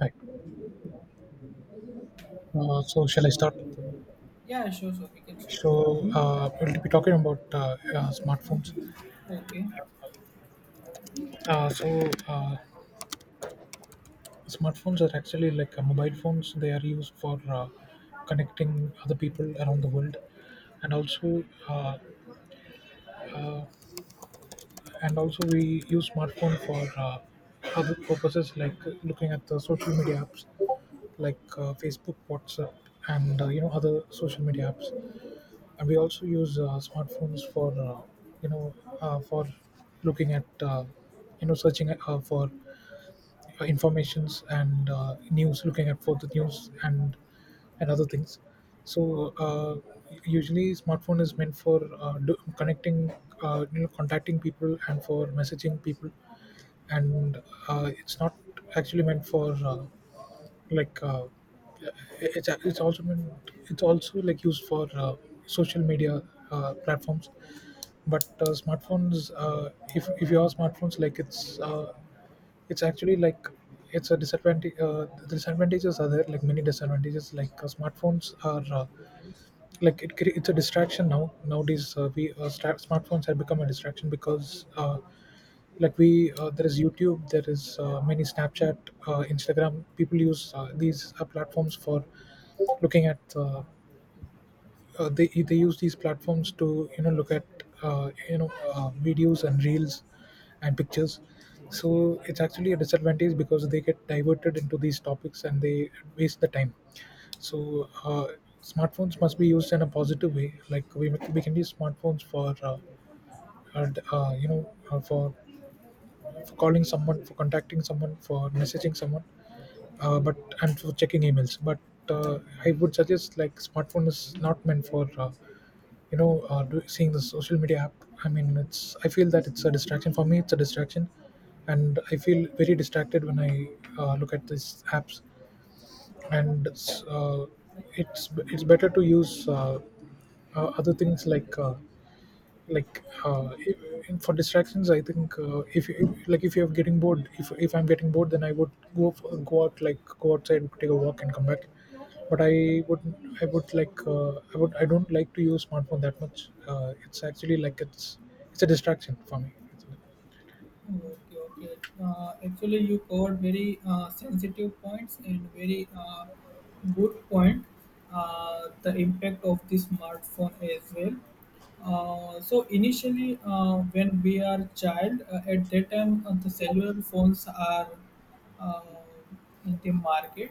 Right. So shall I start? Yeah, sure, sure. We can start. We'll be talking about smartphones. Okay. Uh, so uh, smartphones are actually like mobile phones. They are used for connecting other people around the world, and uh, also we use smartphone for other purposes like looking at the social media apps like Facebook, WhatsApp, and other social media apps. And we also use smartphones for you know for looking at searching for informations and news, looking at for the news and other things. so uh, usually smartphone is meant for connecting, contacting people and for messaging people, and it's not actually meant for like uh, it's also been it's also like used for social media platforms. But smartphones, if you have smartphones, like it's actually like it's a disadvantage. The disadvantages are there, like many disadvantages, like smartphones are it's a distraction now, nowadays. We sta Smartphones have become a distraction because like we there is YouTube, there is many Snapchat, Instagram. People use these platforms for looking at they use these platforms to, you know, look at videos and reels and pictures. So it's actually a disadvantage because they get diverted into these topics and they waste the time. so uh, smartphones must be used in a positive way. Like we can use smartphones for and, you know for calling someone, for contacting someone, for messaging someone, but and for checking emails. But uh, I would suggest like smartphone is not meant for seeing the social media app. I mean, it's, I feel that it's a distraction. For me it's a distraction, and I feel very distracted when I look at these apps. And it's better to use other things like for distractions. I think if, you- if like if you're getting bored, if I'm getting bored, then I would go out, like go outside, take a walk and come back. But I would, I don't like to use smartphone that much. It's actually like it's a distraction for me. Okay, okay. Actually, you covered very sensitive points and very good point. The impact of the smartphone as well. So initially, when we are child, at that time the cellular phones are uh, in the market.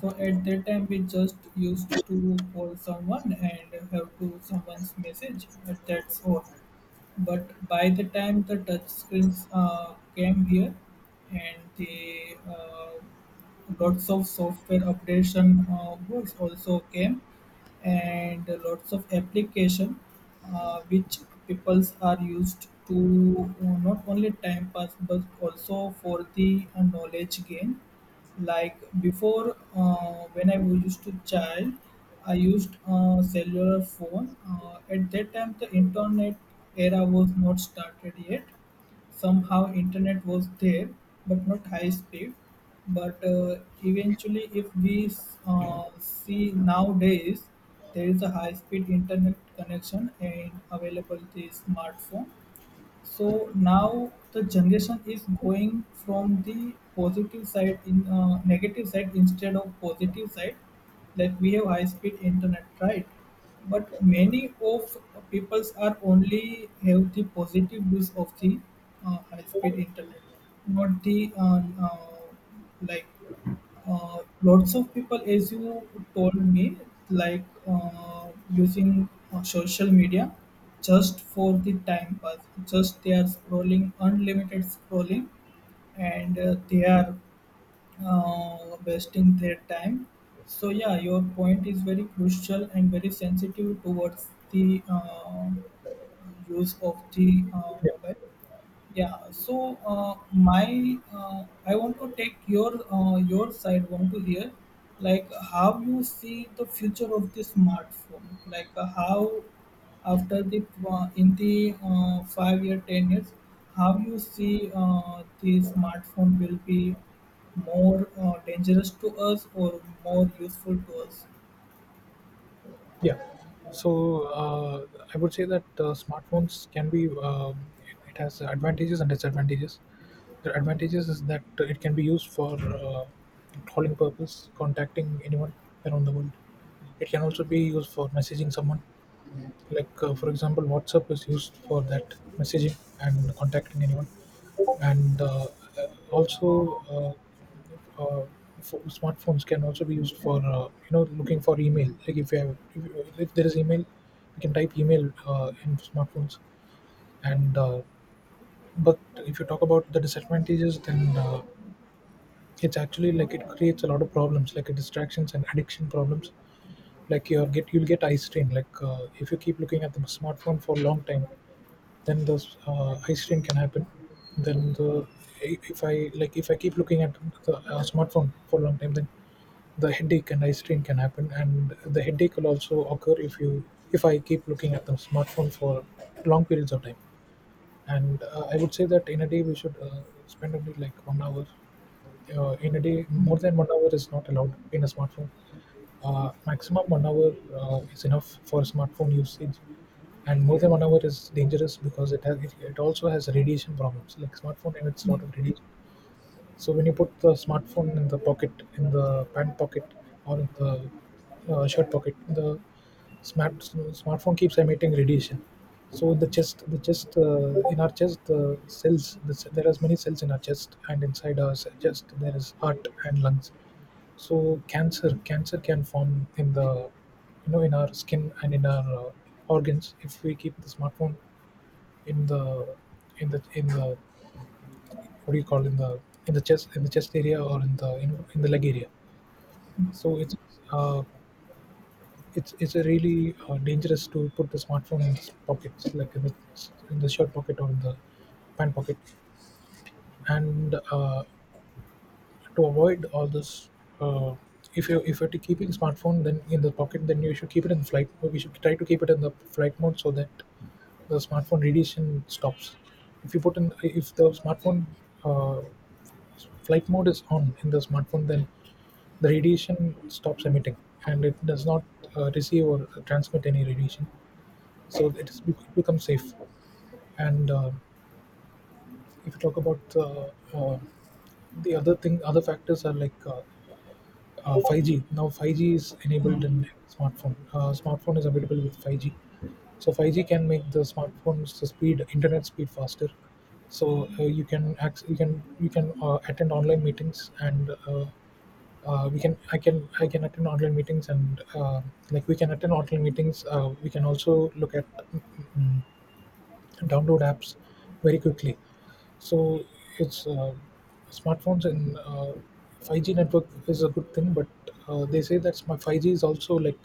So at that time, we just used to call someone and have to someone's message. But that's all. But by the time the touchscreens came here, and they lots of software updation was also came, and lots of application which peoples are used to not only time pass but also for the knowledge gain. Like before, when I was used to child, I used a cellular phone. Uh, at that time the internet era was not started yet. Somehow internet was there, but not high speed. But eventually if we see nowadays, there is a high speed internet connection and available the smartphone. So now the generation is going from the positive side in negative side instead of positive side. Like we have high speed internet, right? But many of peoples are only have the positive use of the high speed internet, not the like, lots of people, as you told me, like using social media just for the time pass. Just they are scrolling, unlimited scrolling, and they are wasting their time. So yeah, your point is very crucial and very sensitive towards the use of the mobile. Yeah. So my I want to take your side. Want to hear like how you see the future of the smartphone. Like how after the in the 5 year 10 years, how you see the smartphone will be more dangerous to us or more useful to us. Yeah. So uh, I would say that smartphones can be, it has advantages and disadvantages. The advantages is that it can be used for calling purpose, contacting anyone around the world. It can also be used for messaging someone, like for example WhatsApp is used for that, messaging and contacting anyone. and uh, uh, also uh, uh, Smartphones can also be used for, looking for email. Like if you if there is email, you can type email in smartphones. And But if you talk about the disadvantages, then it's actually like it creates a lot of problems like distractions and addiction problems. Like you'll get eye strain. Like if you keep looking at the smartphone for a long time, then the eye strain can happen. Then the, if I like, if I keep looking at the smartphone for a long time, then the headache and eye strain can happen, and the headache will also occur if you, if I keep looking at the smartphone for long periods of time. And I would say that in a day we should spend only like 1 hour in a day. More than 1 hour is not allowed in a smartphone. Maximum 1 hour is enough for smartphone usage, and more than 1 hour is dangerous because it also has radiation problems. Like smartphone emits a lot of radiation, so when you put the smartphone in the pocket, in the pant pocket, or in the shirt pocket, the smartphone keeps emitting radiation. So in the chest, in our chest, there are many cells in our chest, and inside our chest there is heart and lungs. So cancer can form in the, you know, in our skin and in our organs if we keep the smartphone in the in the in the what do you call, in the chest, in the chest area, or in the in the leg area. So uh, it's a really dangerous to put the smartphone in the pockets, like in the shirt pocket or in the pant pocket. And to avoid all this, uh, if you, if you're to keeping smartphone then in the pocket, then you should keep it in flight. We should try to keep it in the flight mode so that the smartphone radiation stops. If you put in, if the smartphone uh, flight mode is on in the smartphone, then the radiation stops emitting and it does not receive or transmit any radiation. So it becomes safe. And if you talk about uh, the other thing, other factors are like 5G. Now 5G is enabled in smartphone. Smartphone is available with 5G. So 5G can make the smartphones the speed, internet speed faster. So you can, attend online meetings and we can I can I can attend online meetings and like we can attend online meetings. We can also look at, mm, mm, download apps very quickly. So it's smartphones and 5G network is a good thing, but they say that my 5G is also like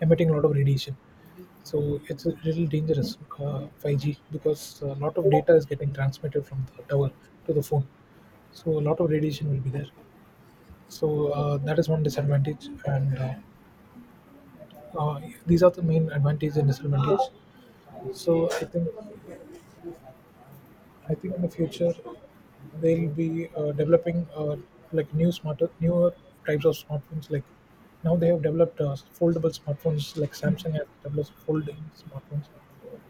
emitting a lot of radiation, so it's a little dangerous, 5G, because a lot of data is getting transmitted from the tower to the phone, so a lot of radiation will be there. So that is one disadvantage, and uh, these are the main advantage and disadvantage. So I think. I think in the future they'll be developing like new smarter, newer types of smartphones. Like now they have developed foldable smartphones. Like Samsung has developed folding smartphones.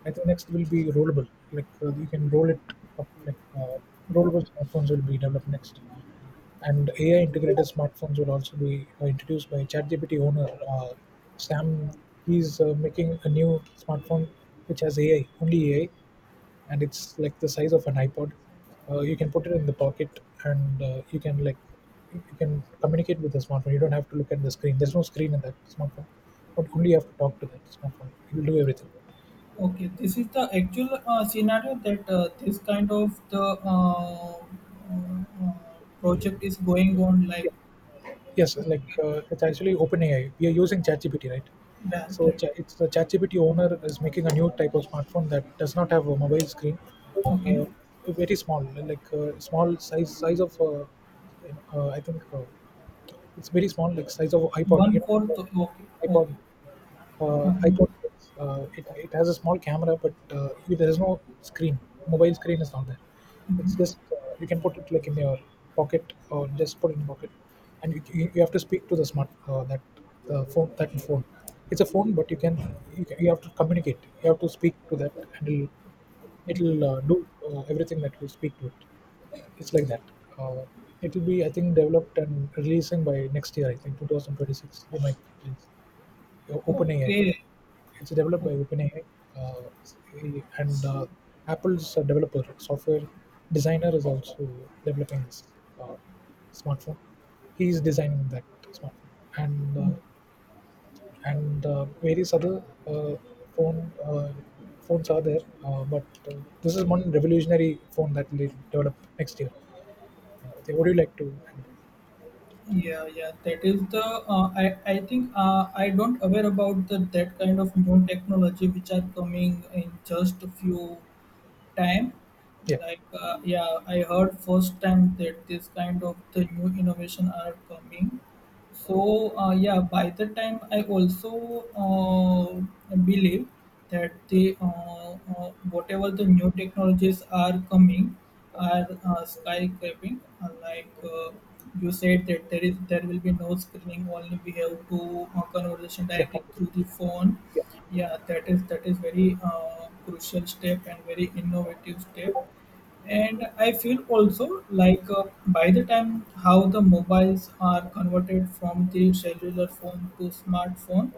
I think next will be rollable. Like you can roll it up. Like rollable smartphones will be developed next, and AI integrated smartphones will also be introduced by ChatGPT owner, Sam. He's making a new smartphone which has AI, only AI, and it's like the size of an iPod. You can put it in the pocket, and you can like you can communicate with the smartphone. You don't have to look at the screen. There's no screen in that smartphone, but only you have to talk to that smartphone. It'll do everything. Okay, this is the actual scenario that this kind of the uh, uh, project is going on Yeah. like Yes, like okay, it's actually OpenAI. We are using ChatGPT, right? So granted. It's the ChatGPT owner is making a new type of smartphone that does not have a mobile screen. Okay, Uh, Very small, like small size size of, you know, I think. It's very small, like size of iPod, you one know, fourth. Okay, okay, iPod. Uh iPod it has a small camera, but there is no screen. Mobile screen is not there. It's just you can put it like in your pocket, or just put it in pocket, and you have to speak to the smart that phone, that phone. It's a phone, but you have to communicate. You have to speak to that, and it'll do everything that you speak to it. It's like that. Uh, It'll be, I think, developed and releasing by next year. I think 2026 they might release. OpenAI. okay, okay. It's developed by Okay. OpenAI, uh, and Apple's developer software designer is also developing this uh, smartphone. He's designing that smartphone, Okay. and various other phone uh, phones are there, but this is one revolutionary phone that will develop next year. Yeah, what do you like to? Yeah, yeah, that is the. I think I don't aware about the that kind of new technology which are coming in just a few time. Yeah, Like yeah, I heard first time that this kind of the new innovation are coming. So yeah, by the time I also believe that the whatever the new technologies are coming are skyscraping. Like you said that there will be no screening. Only we have to conversation yeah, come. directly through the phone. Yeah, Yeah, that is very crucial step and very innovative step, and I feel also like by the time how the mobiles are converted from the cellular phone to smartphone.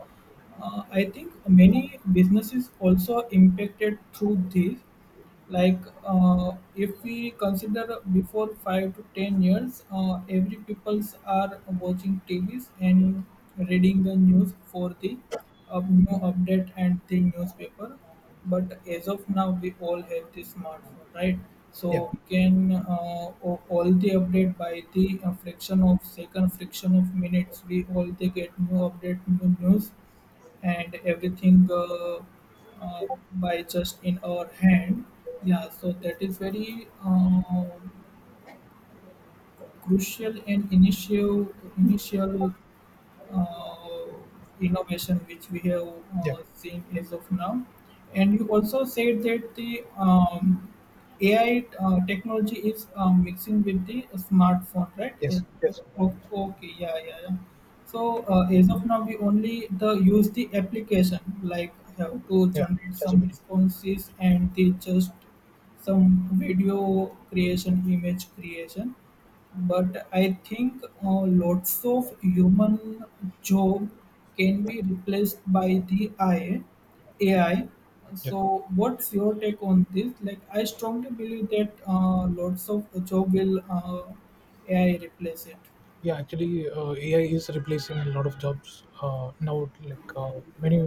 Uh, I think many businesses also impacted through this, like if we consider before 5 to 10 years, every peoples are watching tvs and reading the news for the new update and the newspaper. But as of now we all have the smartphone, right? So yeah, we can all the update by the fraction of second fraction of minutes we all they get new update new news and everything, uh, by just in our hand. Yeah, so that is very crucial in initial uh, innovation which we have yeah. Seen as of now. And you also said that the AI technology is mixing with the smartphone, right? Yes. Yes, yes, O- Okay, yeah, yeah, yeah. So as of now, we only the use the application like have to yeah. generate some ChatGPT. responses and the just some video creation, image creation. But I think lots of human job can be replaced by the AI. Yeah. So, what's your take on this? Like, I strongly believe that lots of job will AI replace it. Yeah, actually AI is replacing a lot of jobs now. Like many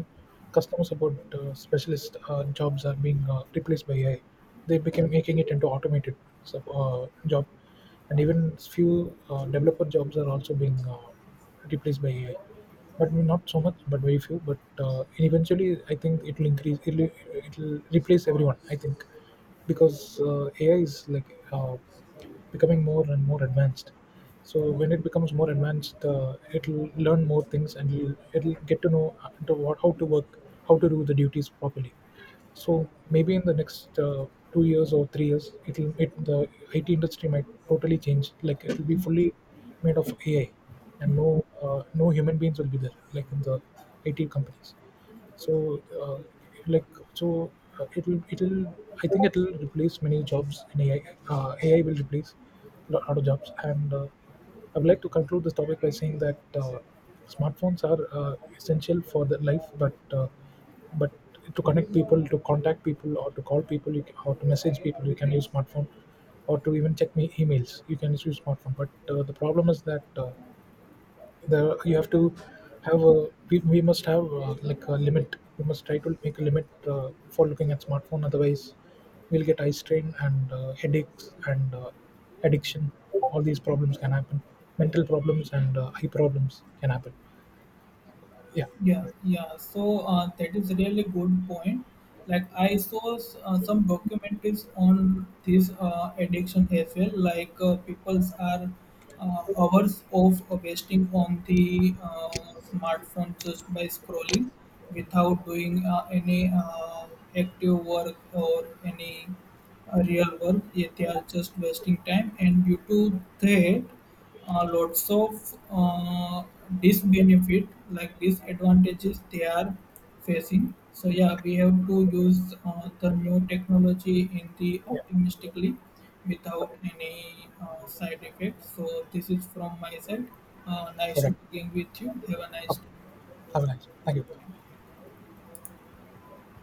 customer support specialist jobs are being replaced by AI. They became making it into automated job, and even few developer jobs are also being replaced by AI, but not so much, but very few. But uh, eventually I think it will increase, it will replace everyone, I think, because AI is like becoming more and more advanced. So when it becomes more advanced, it'll learn more things, and it'll get to know how to work, how to do the duties properly. So maybe in the next 2 years or 3 years, it'll it the IT industry might totally change. Like it'll be fully made of AI, and no no human beings will be there, like in the IT companies. So like so it'll, I think, it'll replace many jobs. In AI, AI will replace a lot of jobs. And I would like to conclude this topic by saying that smartphones are essential for the life, but to connect people, to contact people, or to call people you can, or to message people, you can use smartphone, or to even check me emails you can just use smartphone. But the problem is that there you have to have a, we must have like a limit. We must try to make a limit for looking at smartphone, otherwise we'll get eye strain and headaches and addiction, all these problems can happen, mental problems and eye problems can happen. Yeah. Yeah, yeah. So that is really good point. Like I saw some documentaries on this addiction as well. Like people are hours of wasting on the smartphone just by scrolling without doing any active work or any real work. Yeah, they are just wasting time, and due to that lots of disbenefit like disadvantages they are facing. So yeah, we have to use the new technology in the Yeah. optimistically without any side effects. So this is from my side. Uh, nice to Correct. begin with. You have a nice day. Have a nice, thank you.